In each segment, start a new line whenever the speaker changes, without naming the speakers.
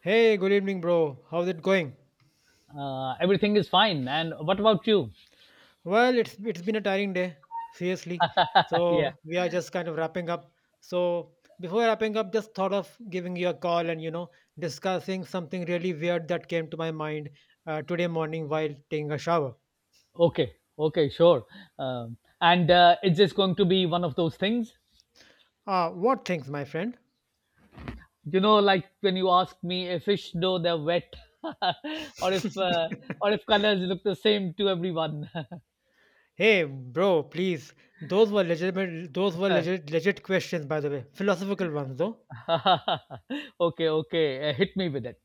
Hey, good evening, bro. How's it going?
Everything is fine. And what about you?
Well, it's been a tiring day, seriously.
yeah.
So we are just kind of wrapping up. So before wrapping up, just thought of giving you a call and discussing something really weird that came to my mind today morning while taking a shower.
Okay. Okay. Sure. And it's just going to be one of those things.
What things, my friend?
You know, like when you ask me if fish know they're wet, or if or if colors look the same to everyone.
Hey, bro, please. Those were legitimate. Those were legit, legit questions, by the way. Philosophical ones, though.
okay. Okay. Hit me with it.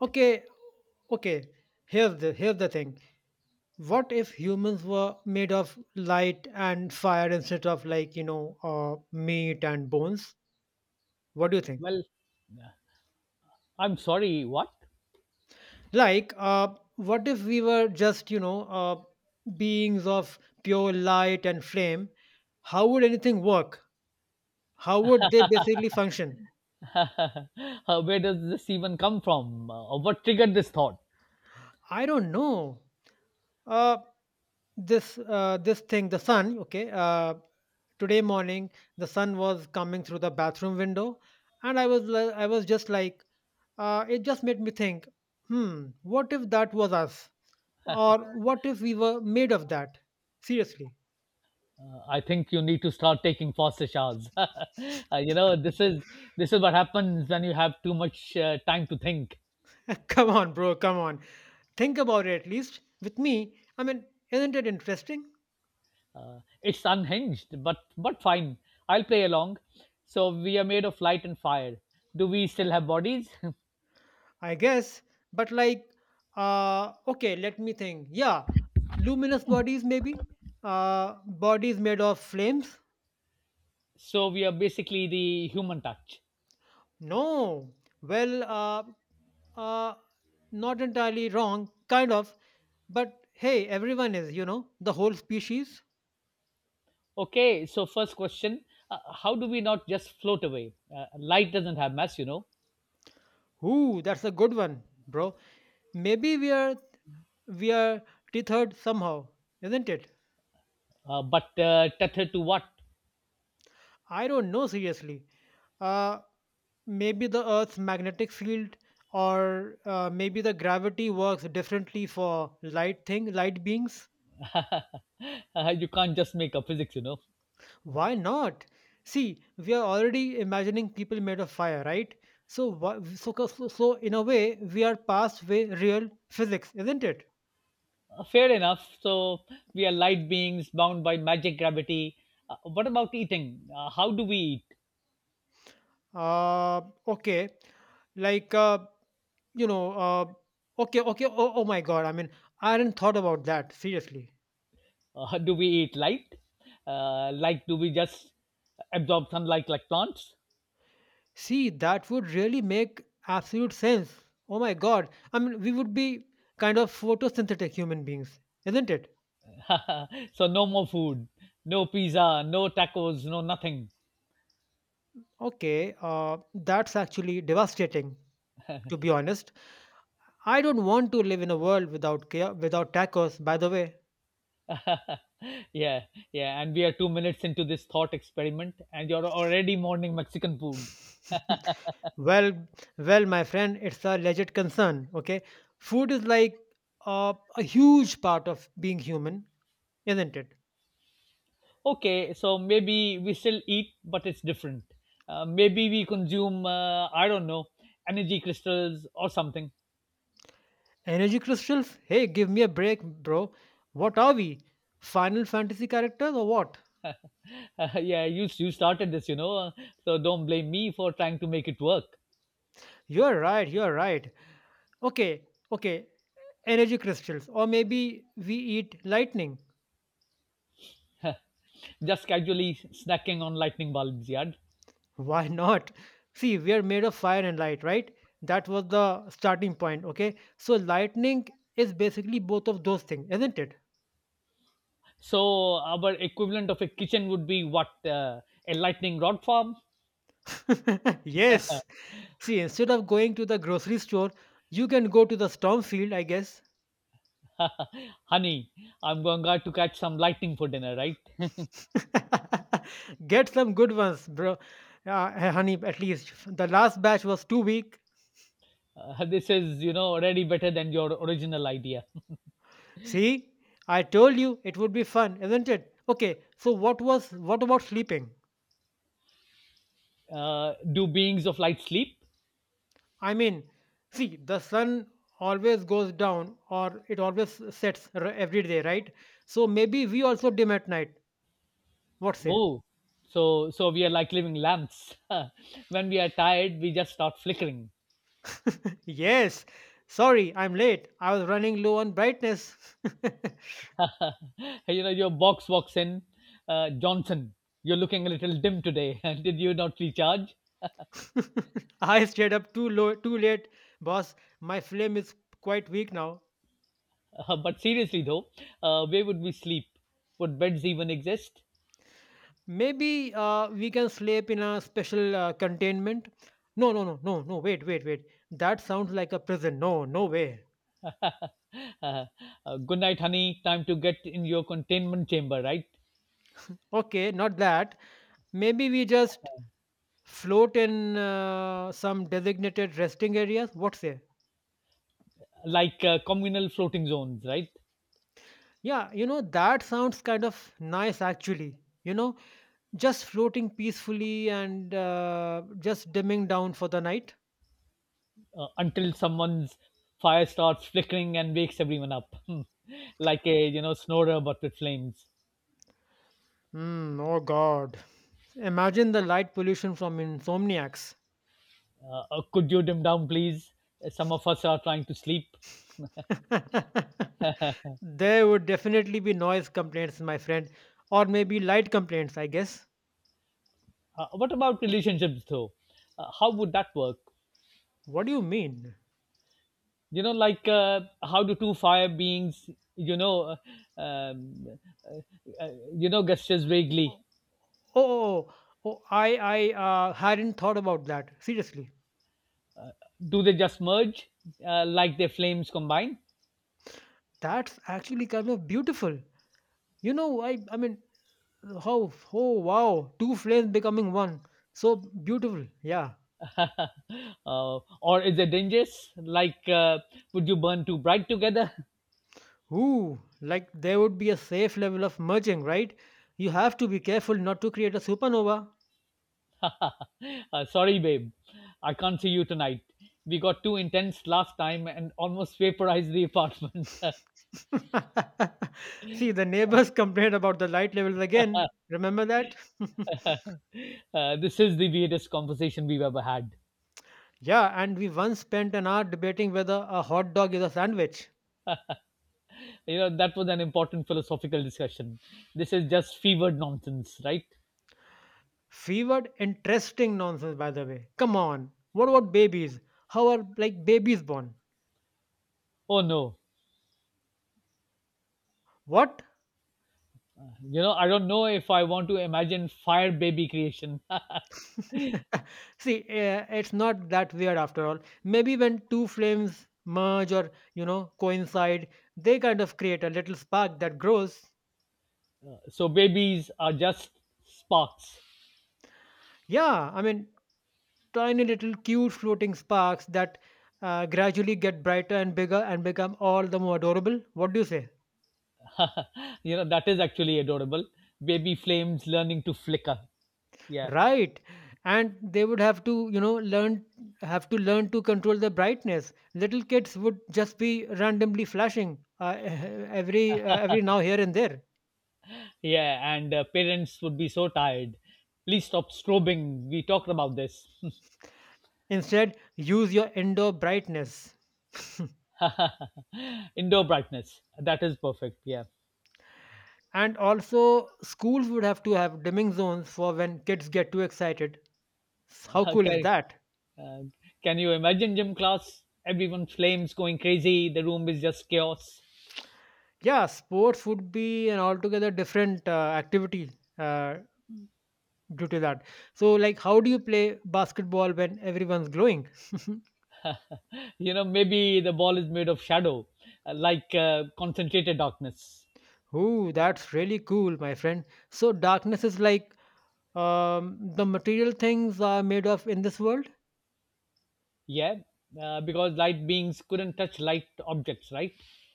Okay, okay. Here's the thing. What if humans were made of light and fire instead of like meat and bones? What do you think?
Well, I'm sorry. What?
Like, what if we were just beings of pure light and flame? How would anything work? How would they basically function?
Where does this even come from? What triggered this thought?
I don't know. uh, this thing, the sun. Okay, today morning, the sun was coming through the bathroom window, and I was just like, it just made me think, what if that was us? Or what if we were made of that? Seriously.
I think you need to start taking faster showers. You know, this is what happens when you have too much time to think.
Come on, bro, come on. Think about it at least. With me, I mean, isn't it interesting?
It's unhinged, but fine. I'll play along. So we are made of light and fire. Do we still have bodies?
I guess. But like, okay, let me think. Yeah, luminous bodies maybe? Bodies made of flames?
so we are basically the human touch.
No. Well, uh, not entirely wrong, kind of. But hey, everyone is, the whole species.
Okay. So first question: how do we not just float away? Light doesn't have mass.
Ooh, that's a good one, bro. Maybe we are tethered somehow, isn't it?
But tethered to what?
I don't know seriously. Uh, maybe the Earth's magnetic field, or maybe the gravity works differently for light thing, light beings.
You can't just make up physics.
Why not? See, we are already imagining people made of fire, right? So, so in a way, we are past way real physics, isn't it?
Fair enough. So we are light beings bound by magic gravity. What about eating? How do we eat?
Uh, okay, like, okay, okay. Oh, oh my God! I mean, I hadn't thought about that seriously.
Do we eat light? Like, do we just absorb sunlight like plants?
See, that would really make absolute sense. Oh my God! I mean, we would be kind of photosynthetic human beings, isn't it?
so no more food, no pizza, no tacos, no nothing.
Okay, that's actually devastating, to be honest. I don't want to live in a world without care, without tacos, by the way.
yeah, yeah. And we are 2 minutes into this thought experiment, and you're already mourning Mexican food.
Well, well, my friend, it's a legit concern, okay? Food is like a huge part of being human, isn't it?
Okay, so maybe we still eat, but it's different. Maybe we consume, I don't know, energy crystals or something.
Energy crystals? Hey, give me a break, bro. What are we? Final Fantasy characters or what?
Yeah, you started this, so don't blame me for trying to make it work.
You're right, you're right. Okay, okay. Energy crystals. Or maybe we eat lightning.
Just casually snacking on lightning bulbs, yeah.
Why not? See, we are made of fire and light, right? That was the starting point, okay? So, lightning is basically both of those things, isn't
So our equivalent of a kitchen would be what a lightning rod farm.
it? Yes. See, instead of going to the grocery store, you can go to the storm field, I guess.
Honey, I'm going out to catch some lightning for dinner, right?
Get some good ones, bro. Hey, honey, at least. The last batch was too weak.
This is already better than your original idea.
See? I told you it would be fun, isn't it? Okay, so what about sleeping?
Do beings of light sleep?
I mean, see, the sun always goes down, or it always sets every day, right? So maybe we also dim at night. What say?
Oh, so we are like living lamps. when we are tired, we just start flickering.
Yes. Sorry, I'm late. I was running low on brightness.
you know, your box walks in, Johnson. You're looking a little dim today. Did you not recharge?
I stayed up too low, too late, boss. My flame is quite weak now.
But seriously though, where would we sleep? Would beds even exist?
Maybe we can sleep in a special containment. No, no, no, no, no. Wait, wait, wait. That sounds like a prison. No, no way.
uh, uh, good night, honey. Time to get in your containment chamber, right?
Okay, not that. Maybe we just float in some designated resting areas. What say?
Like communal floating zones, right?
Yeah, that sounds kind of nice, actually you know just floating peacefully and just dimming down for the night.
Until someone's fire starts flickering and wakes everyone up, like a snorer but with flames.
Hmm. Oh god, imagine the light pollution from insomniacs.
Could you dim down, please? Some of us are trying to sleep.
There would definitely be noise complaints, my friend. Or maybe light complaints, I guess.
What about relationships, though? How would that work?
What do you mean?
You know, like how do two fire beings, you know, uh, um, uh, gestures
oh,
vaguely?
oh, oh, oh, i i uh, hadn't thought about that seriously.
Do they just merge, like their flames combine?
That's actually kind of beautiful. I mean, how oh wow, two flames becoming one. So beautiful. Yeah.
Or is it dangerous? Like, would you burn too bright together?
Ooh, like there would be a safe level of merging, right? You have to be careful not to create a supernova.
uh, sorry, babe, I can't see you tonight. We got too intense last time and almost vaporized the apartment.
See, the neighbors complained about the light levels again. Remember that?
This is the weirdest conversation we've ever had.
Yeah, and we once spent an hour debating whether a hot dog is a sandwich.
You know, that was an important philosophical discussion. This is just fevered nonsense, right?
Fevered? Interesting nonsense, by the way. Come on. What about babies? How are like babies born?
Oh no.
What?
You know, I don't know if I want to imagine fire baby creation.
See, it's not that weird after all. Maybe when two flames merge or, you know, coincide, they kind of create a little spark that grows.
so, babies are just sparks.
Yeah, I mean, tiny little cute floating sparks that gradually get brighter and bigger and become all the more adorable. What do you say?
You know that is actually adorable. Baby flames learning to flicker. Yeah.
Right, and they would have to learn to control the brightness. Little kids would just be randomly flashing every now here and there.
Yeah, and parents would be so tired. Please stop strobing. We talked about this.
Instead, use your indoor brightness.
indoor brightness, that is perfect. Yeah.
And also, schools would have to have dimming zones for when kids get too excited. How cool is
Okay,
that?
uh, can you imagine gym class, everyone flames going crazy, the room is just chaos.
Yeah, sports would be an altogether different activity uh, due to that. So, like, how do you play basketball when everyone's glowing?
You know, maybe the ball is made of shadow, like concentrated darkness.
Oh, that's really cool, my friend. So, darkness is like the material things are made of in this world?
Yeah, because light beings couldn't touch light objects, right?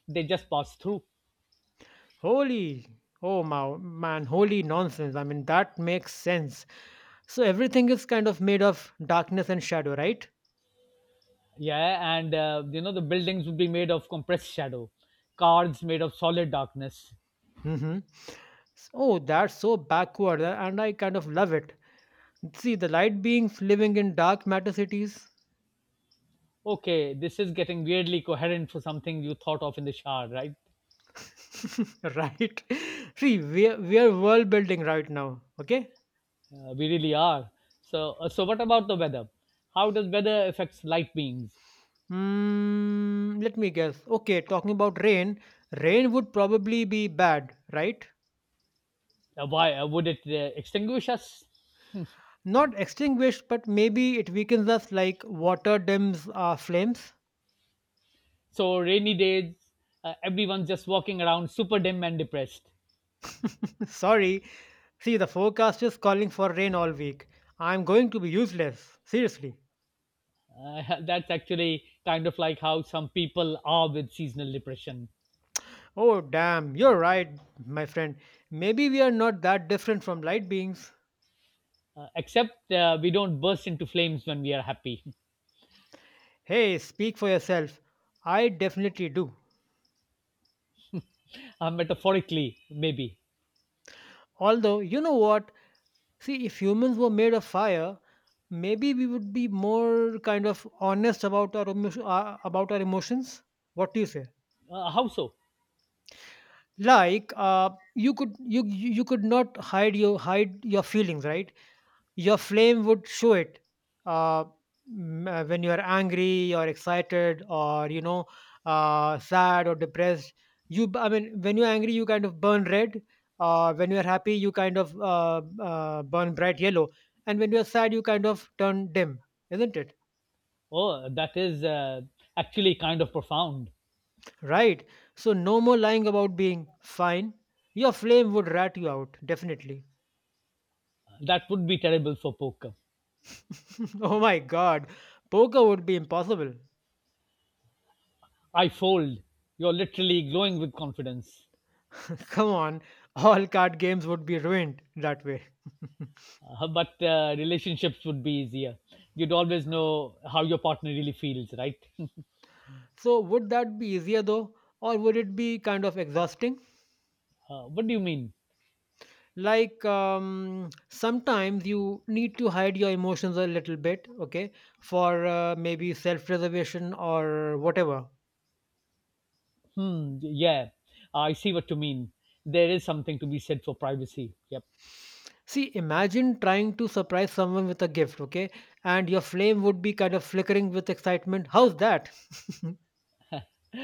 They just pass through.
Holy, oh my, man, holy nonsense. I mean, that makes sense. So, everything is kind of made of darkness and shadow, right?
Yeah, and you know the buildings would be made of compressed shadow, cars made of solid darkness.
Mm-hmm. Oh, that's so backward, and I kind of love it. See, the light beings living in dark matter cities,
Okay, this is getting weirdly coherent for something you thought of in the shower, right?
right? See, we're world building right now, okay?
We really are. So, so what about the weather? How does weather affects light beings?
Let me guess. Okay, talking about rain, rain would probably be bad, right?
Why would it extinguish us?
Not extinguished, but maybe it weakens us like water dims our flames.
so rainy days, everyone's just walking around super dim and depressed.
Sorry. See, the forecast is calling for rain all week. I'm going to be useless. Seriously.
That's actually kind of like how some people are with seasonal depression,
Oh, damn, you're right, my friend. Maybe we are not that different from light beings.
except we don't burst into flames when we are happy.
Hey, speak for yourself. I definitely do.
Metaphorically, maybe.
Although, you know what? See, if humans were made of fire, maybe we would be more kind of honest about our emotions. What do you say?
How so?
Like, you could not hide your feelings, right? Your flame would show it. uh, when you are angry or excited, or sad or depressed, I mean, when you're angry, you kind of burn red. When you're happy, you kind of burn bright yellow. And when you're sad, you kind of turn dim, isn't it?
Oh, that is actually kind of profound.
Right. So no more lying about being fine. Your flame would rat you out, definitely.
That would be terrible for poker.
Oh my god, poker would be impossible.
I fold. You're literally glowing with confidence.
Come on, all card games would be ruined that way.
But relationships would be easier. You'd always know how your partner really feels, right?
So, would that be easier though, or would it be kind of exhausting?
What do you mean?
Like, sometimes you need to hide your emotions a little bit, okay, for maybe self preservation or whatever.
Hmm. Yeah, I see what you mean. There is something to be said for privacy. Yep.
See, imagine trying to surprise someone with a gift, okay, and your flame would be kind of flickering with excitement. How's that?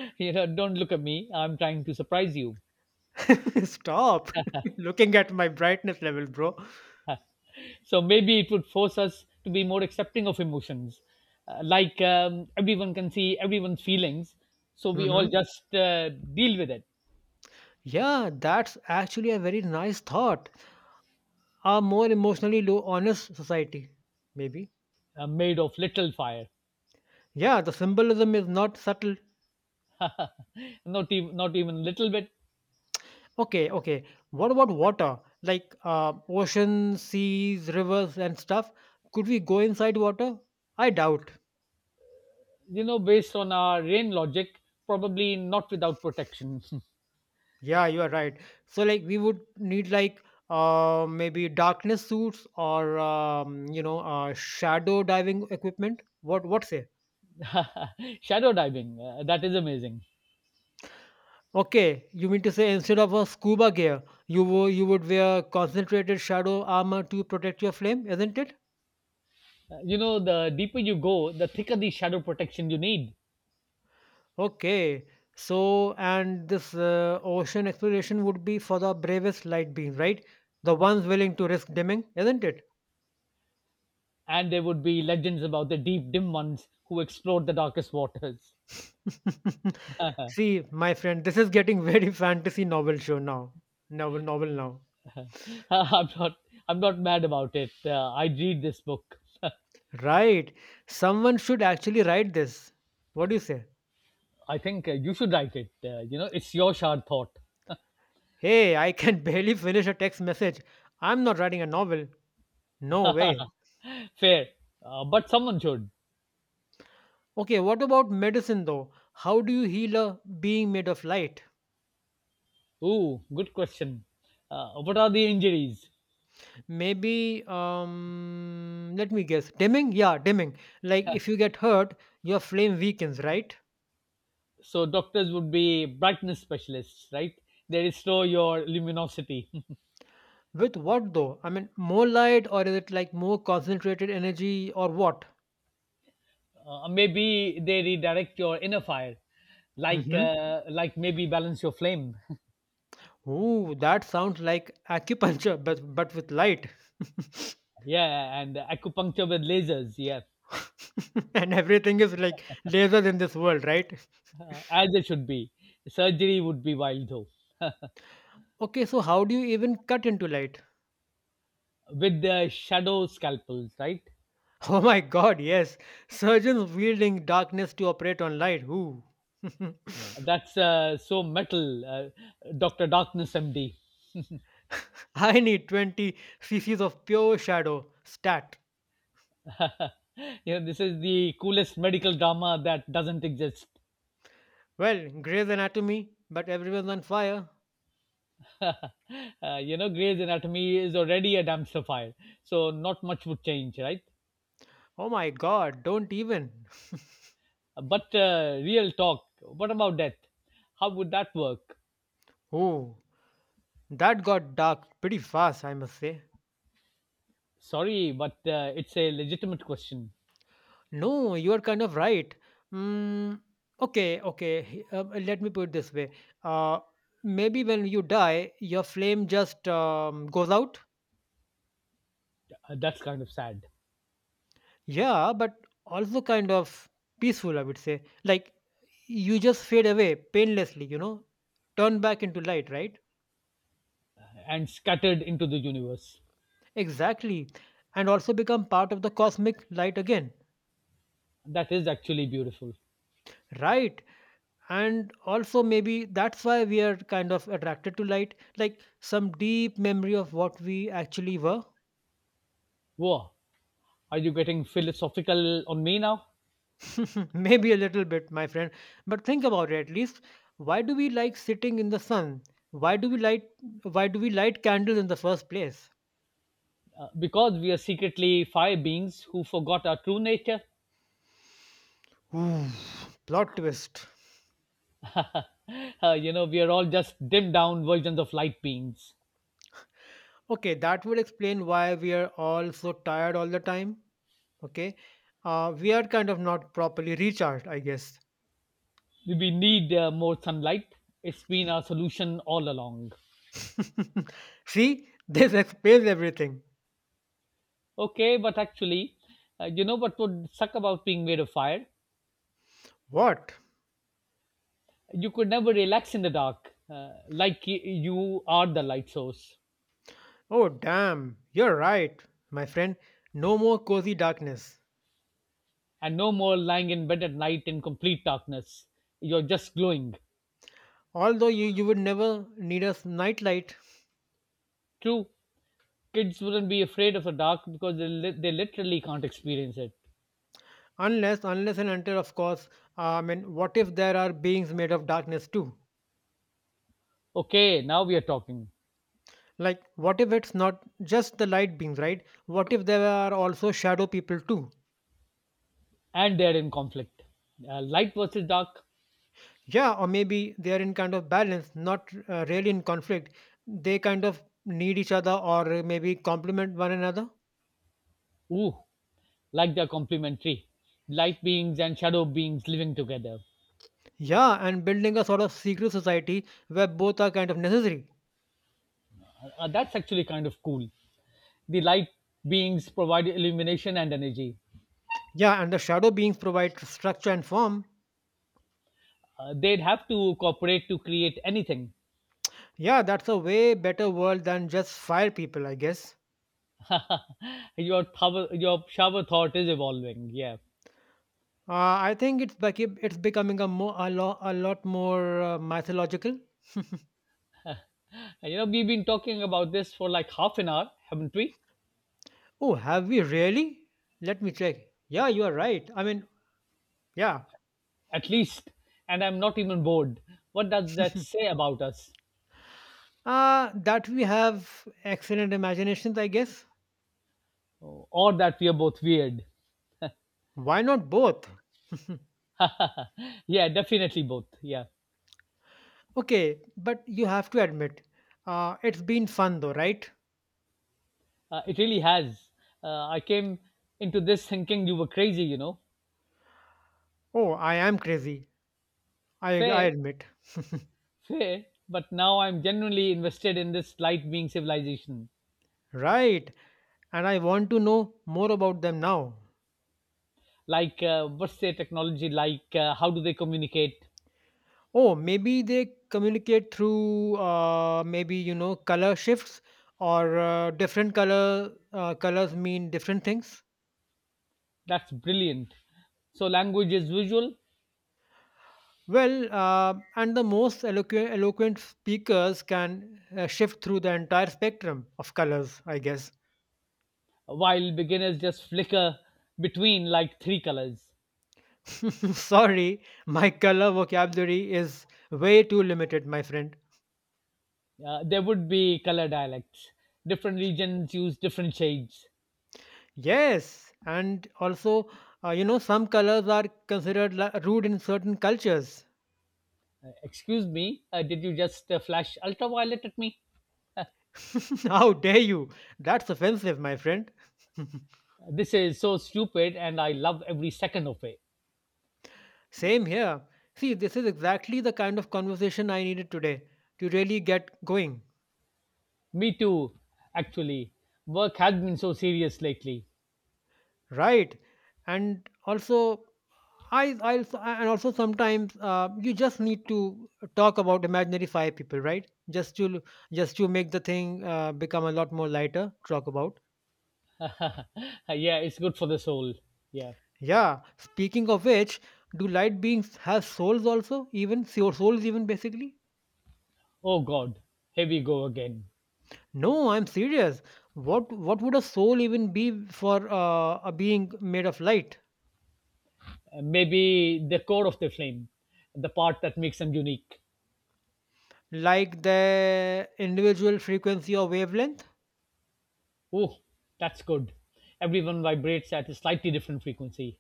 You know, don't look at me. I'm trying to surprise you.
Stop looking at my brightness level, bro.
So maybe it would force us to be more accepting of emotions. Like everyone can see everyone's feelings, so we
Hmm.
all just deal with it.
Yeah, that's actually a very nice thought. A more emotionally low honest society, maybe.
Made of little fire,
Yeah, the symbolism is not subtle.
not even little bit.
Okay, okay. What about water? Like ocean, seas, rivers, and stuff? Could we go inside water? I doubt.
You know, based on our rain logic, probably not without protection.
Yeah, you are right. So, like, we would need like maybe darkness suits, or shadow diving equipment. What say?
Shadow diving. That is amazing.
Okay, you mean to say instead of a scuba gear, you would wear concentrated shadow armor to protect your flame, isn't it?
You know, the deeper you go, the thicker the shadow protection you need.
Okay, so and this ocean exploration would be for the bravest light beings, right? The ones willing to risk dimming, isn't
And there would be legends about the deep, dim ones who explored the darkest waters.
it? See, my friend, this is getting very fantasy novel show now. Novel, novel now.
I'm not, I'm not mad about it. I read this book.
Right. Someone should actually write this. What do you say?
I think you should write it. You know, it's your shard thought.
Hey, I can barely finish a text message. I'm not writing a novel. No way.
Fair, but someone should.
Okay, what about medicine though? How do you heal a being made of light?
Ooh, good question. What are the injuries?
Maybe, let me guess. Dimming? Yeah, dimming. Like, if you get hurt, your flame weakens, right?
So doctors would be brightness specialists, right? They restore your luminosity.
With what though? I mean, more light, or is it like more concentrated energy or what?
Maybe they redirect your inner fire, like
Mm-hmm.
uh, like maybe balance your flame.
Ooh, that sounds like acupuncture, but with light.
yeah, and acupuncture with lasers. Yeah,
And everything is like lasers in this world, right?
as it should be. Surgery would be wild though,
Okay, so how do you even cut into light?
with the shadow scalpels, right?
Oh my god, yes. Surgeons wielding darkness to operate on light. Ooh.
That's so metal, Doctor Darkness MD.
I need 20 cc's of pure shadow. Stat.
you know, this is the coolest medical drama that doesn't exist.
Well, Grey's Anatomy, but everyone's on fire.
You know, Grey's Anatomy is already a dumpster fire, so not much would change, right?
Oh my god, don't even.
But real talk, what about death? How would that work?
Ooh, that got dark pretty fast, I must say.
Sorry, but it's a legitimate question.
No, you are kind of right. Mm, okay, okay. Let me put it this way. Uh, Maybe when you die, your flame just goes out.
That's kind of sad.
Yeah, but also kind of peaceful, I would say. Like you just fade away painlessly, you know, turn back into light, right?
And scattered into the universe.
Exactly. And also become part of the cosmic light again,
That is actually beautiful.
right? And also, maybe that's why we are kind of attracted to light, like some deep memory of what we actually were.
Whoa, are you getting philosophical on me now?
Maybe a little bit, my friend. But think about it at least. Why do we like sitting in the sun? Why do we light? Why do we light candles in the first place?
Because we are secretly fire beings who forgot our true nature.
Ooh. Plot twist.
You know, we are all just dimmed down versions of light beings.
Okay, that would explain why we are all so tired all the time. Okay, we are kind of not properly recharged, I guess.
We need more sunlight. It's been our solution all along.
See, this explains everything.
Okay, but actually, you know what would suck about being made of fire?
What?
You could never relax in the dark, like you are the light source,
Oh, damn, you're right, my friend. No more cozy darkness.
and no more lying in bed at night in complete darkness. You're just glowing.
Although you would never need a nightlight,
True, kids wouldn't be afraid of the dark because they literally can't experience it.
unless and until, of course, I mean, what if there are beings made of darkness too?
Okay, now we are talking,
Like, what if it's not just the light beings, right? What if there are also shadow people too?
and they're in conflict. Light versus dark.
Yeah, or maybe they are in kind of balance, not really in conflict. They kind of need each other or maybe complement one another.
Ooh, like they're complementary light beings and shadow beings living together.
Yeah, and building a sort of secret society where both are kind of necessary.
That's actually kind of cool. The light beings provide illumination and energy.
Yeah, and the shadow beings provide structure and form.
They'd have to cooperate to create anything.
Yeah, that's a way better world than just fire people, I guess.
Your shower thought is evolving. Yeah,
I think it's it's becoming a more a lot more mythological.
and you know we've been talking about this for like half an hour, haven't we?
Oh, have we really? Let me check. Yeah, you are right. I mean, yeah.
At least, and I'm not even bored. What does that say about us?
That we have excellent imaginations, I guess.
Oh, or that we are both weird?
Why not both?
yeah, definitely both. Yeah,
Okay, but you have to admit, it's been fun though, right?
it really has. I came into this thinking you were crazy.
Oh, I am crazy. I
Fair,
admit.
Fair, but now I'm genuinely invested in this light being civilization.
Right. And I want to know more about them now.
Like, what's their technology like? How do they communicate?
Oh, maybe they communicate through maybe, you know, color shifts or different color colors mean different things.
That's brilliant. So, language is visual,
Well, and the most eloquent speakers can shift through the entire spectrum of colors, I guess.
while beginners just flicker between like three colors.
Sorry, my color vocabulary is way too limited, my friend.
There would be color dialects. Different regions use different shades.
Yes, and also, you know, some colors are considered rude in certain cultures.
Excuse me, did you just flash ultraviolet at me?
How dare you? That's offensive, my friend.
This is so stupid, and I love every second of it.
Same here. See, this is exactly the kind of conversation I needed today to really get going.
Me too, actually. Work has been so serious lately.
Right, and also I also and also sometimes you just need to talk about imaginary five people, right, just to make the thing become a lot more lighter to talk about.
yeah, it's good for the soul. Yeah.
Yeah, speaking of which, do light beings have souls also, even souls even, basically?
Oh God, here we go again.
No, I'm serious. What would a soul even be for a being made of light,
Maybe the core of the flame, the part that makes them unique.
like the individual frequency or wavelength?
Oh, that's good. Everyone vibrates at a slightly different frequency.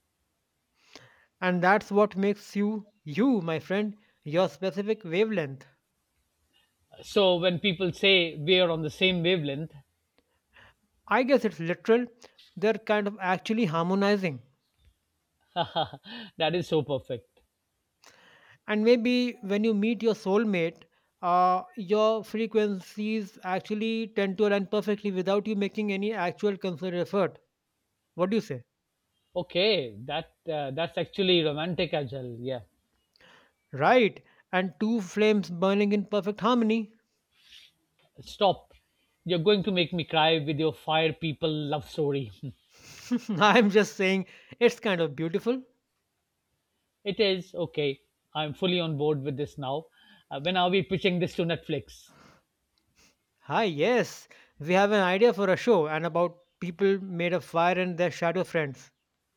And that's what makes you, you, my friend, your specific wavelength.
So when people say we are on the same wavelength,
I guess it's literal, they're kind of actually harmonizing.
that is so perfect.
And maybe when you meet your soulmate, your frequencies actually tend to align perfectly without you making any actual concerted effort. What do you say?
Okay, that's actually romantic as well. Yeah.
Right, and two flames burning in perfect harmony.
Stop. You're going to make me cry with your fire people love story.
I'm just saying it's kind of beautiful.
it is okay. I'm fully on board with this now. When are we pitching this to Netflix?
Hi, yes. We have an idea for a show and about people made of fire and their shadow friends.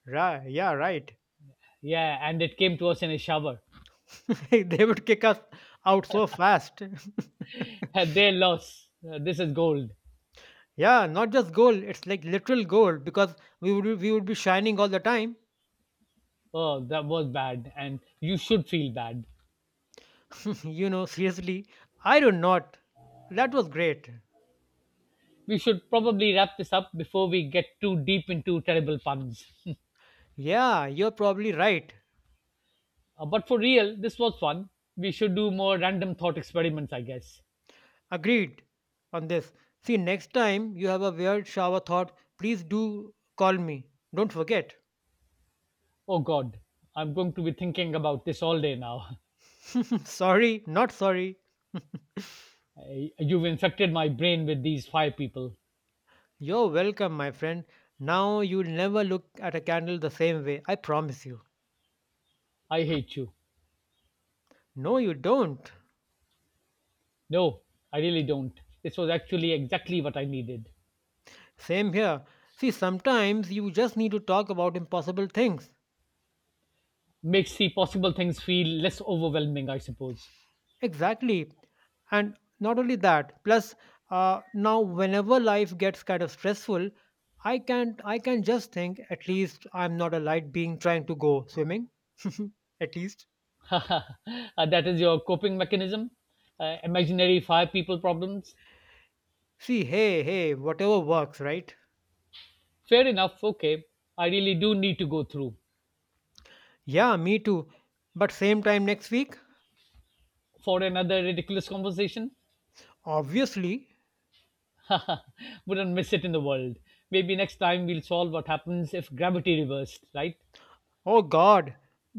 Right, yeah, right.
Yeah, and it came to us in a shower.
They would kick us out so fast.
Had their loss. This is gold.
Yeah, not just gold, it's like literal gold because we would be shining all the time.
Oh, that was bad. And you should feel bad.
You know, seriously. I do not. That was great.
We should probably wrap this up before we get too deep into terrible puns.
Yeah, you're probably right.
But for real, this was fun. We should do more random thought experiments, I guess.
Agreed on this. See, next time you have a weird shower thought, please do call me. Don't forget.
Oh, God. I'm going to be thinking about this all day now.
Sorry, not sorry.
You've infected my brain with these five people.
You're welcome, my friend. Now you'll never look at a candle the same way, I promise you.
I hate you.
No, you don't.
No, I really don't. This was actually exactly what I needed.
Same here. See, sometimes you just need to talk about impossible things.
Makes the possible things feel less overwhelming, I suppose.
Exactly. And not only that, plus, now whenever life gets kind of stressful, I can't, I can just think, at least I'm not a light being trying to go swimming. At least.
That is your coping mechanism? Imaginary five people problems?
See, hey, hey, whatever works, right?
Fair enough, okay. I really do need to go through.
Yeah, me too. But same time next week?
For another ridiculous conversation?
Obviously.
Wouldn't miss it in the world. Maybe next time we'll solve what happens if gravity reversed, right?
Oh God,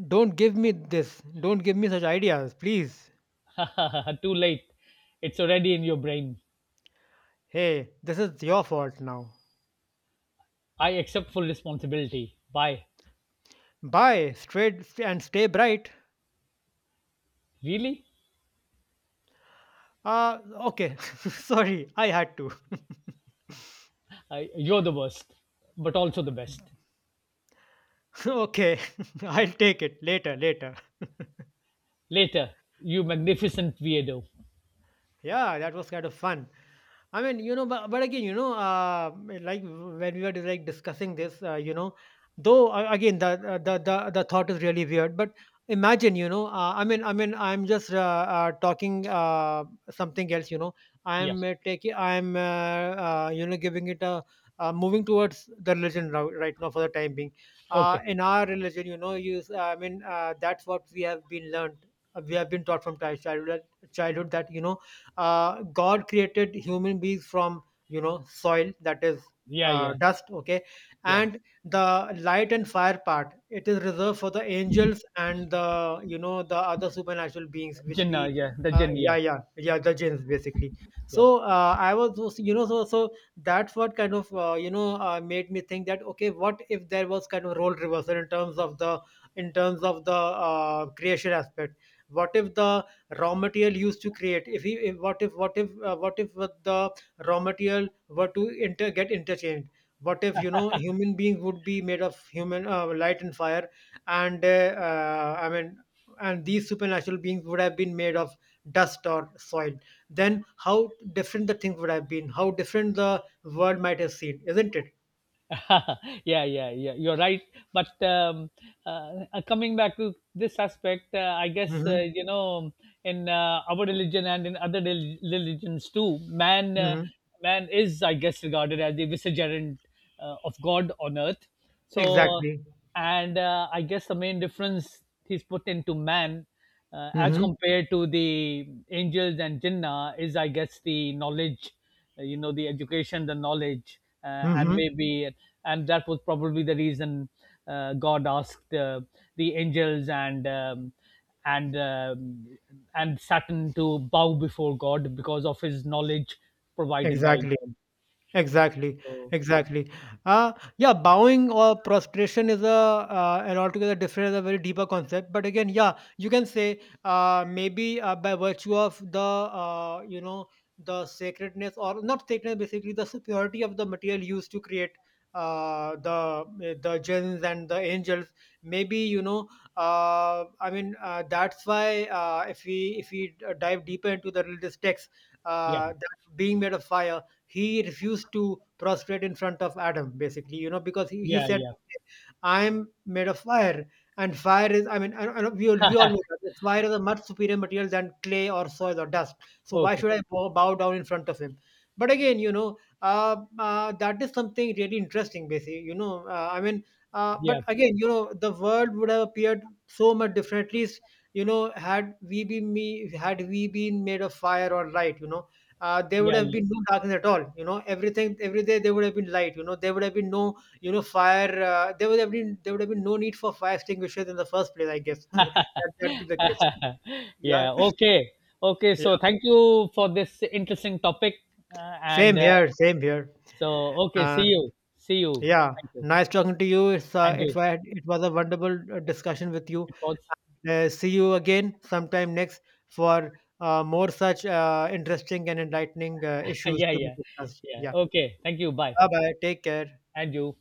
don't give me this. Don't give me such ideas, please.
Too late. It's already in your brain.
Hey, this is your fault now.
I accept full responsibility. Bye.
Bye, and stay bright.
Really?
Uh, okay. Sorry, I had to.
You're the worst, but also the best.
Okay, I'll take it later.
Later, you magnificent weirdo.
Yeah, that was kind of fun. I mean, you know, but again, you know, like when we were like discussing this, you know, though again the, the thought is really weird. But imagine, you know, I mean, I'm just talking something else, you know.
Yeah.
I'm I'm you know, giving it a moving towards the religion now, right now for the time being.
Okay.
In our religion, you know, you I mean, that's what we have been learned. We have been taught from childhood, childhood, that you know god created human beings from, you know, soil, that is
Yeah, yeah,
dust, okay,
yeah.
and the light and fire part, it is reserved for the angels and the, you know, the other supernatural beings which
Jinnah,
we,
yeah. The jinn,
yeah,
yeah.
yeah, yeah, the jinns, basically.
Yeah.
So you know, so that's what kind of you know, made me think that okay, what if there was kind of role reversal in terms of the, in terms of the creation aspect. What if the raw material used to create, if he if, what if what if what if the raw material were to get interchanged? What if, you know, human beings would be made of human light and fire, and I mean, and these supernatural beings would have been made of dust or soil, then how different the things would have been, how different the world might have seen, isn't it?
yeah, yeah, yeah. You're right. But, coming back to this aspect, I guess
Mm-hmm.
you know, in our religion and in other religions too, man,
Mm-hmm.
man is, I guess, regarded as the vicegerent of God on earth. So,
Exactly.
and I guess the main difference he's put into man as
Mm-hmm.
compared to the angels and jinnah is I guess the knowledge, the education, the knowledge,
Mm-hmm.
and that was probably the reason God asked the angels and and um, saturn to bow before God because of his knowledge provided by
Exactly.
God.
Exactly,
So
exactly. Yeah, bowing or prostration is a an altogether different, and a very deeper concept. But again, yeah, you can say maybe by virtue of the, you know, the sacredness or not sacredness, basically the superiority of the material used to create the jinns and the angels. Maybe, you know, I mean, that's why, if we dive deeper into the religious text,
yeah,
that being made of fire, he refused to prostrate in front of adam, basically, you know, because he
yeah,
said,
yeah.
I'm made of fire, and fire is, I mean, we all know that fire is a much superior material than clay or soil or dust, so why
Okay.
should I bow down in front of him? But again, you know, that is something really interesting, basically, you know, I mean,
Yeah,
but again, you know, the world would have appeared so much differently, at least, you know, had we been made of fire or light, you know, there would
yeah,
have
yeah.
been no darkness at all, you know, everything every day there would have been light, you know, there would have been no, you know, fire, there would have been no need for fire extinguishers in the first place, I guess. That, that would be the case. Yeah.
yeah, okay. Okay,
Yeah,
so thank you for this interesting topic. And
same here, same here.
So okay,
uh,
see you. See you.
yeah,
Thank you.
nice talking to you, it's
And you.
it was a wonderful discussion with you.
It was.
See you again sometime next, for more such interesting and enlightening issues
yeah,
to be
yeah,
discussed.
yeah.
Yeah,
Okay, thank you. Bye.
bye bye, take care.
And you.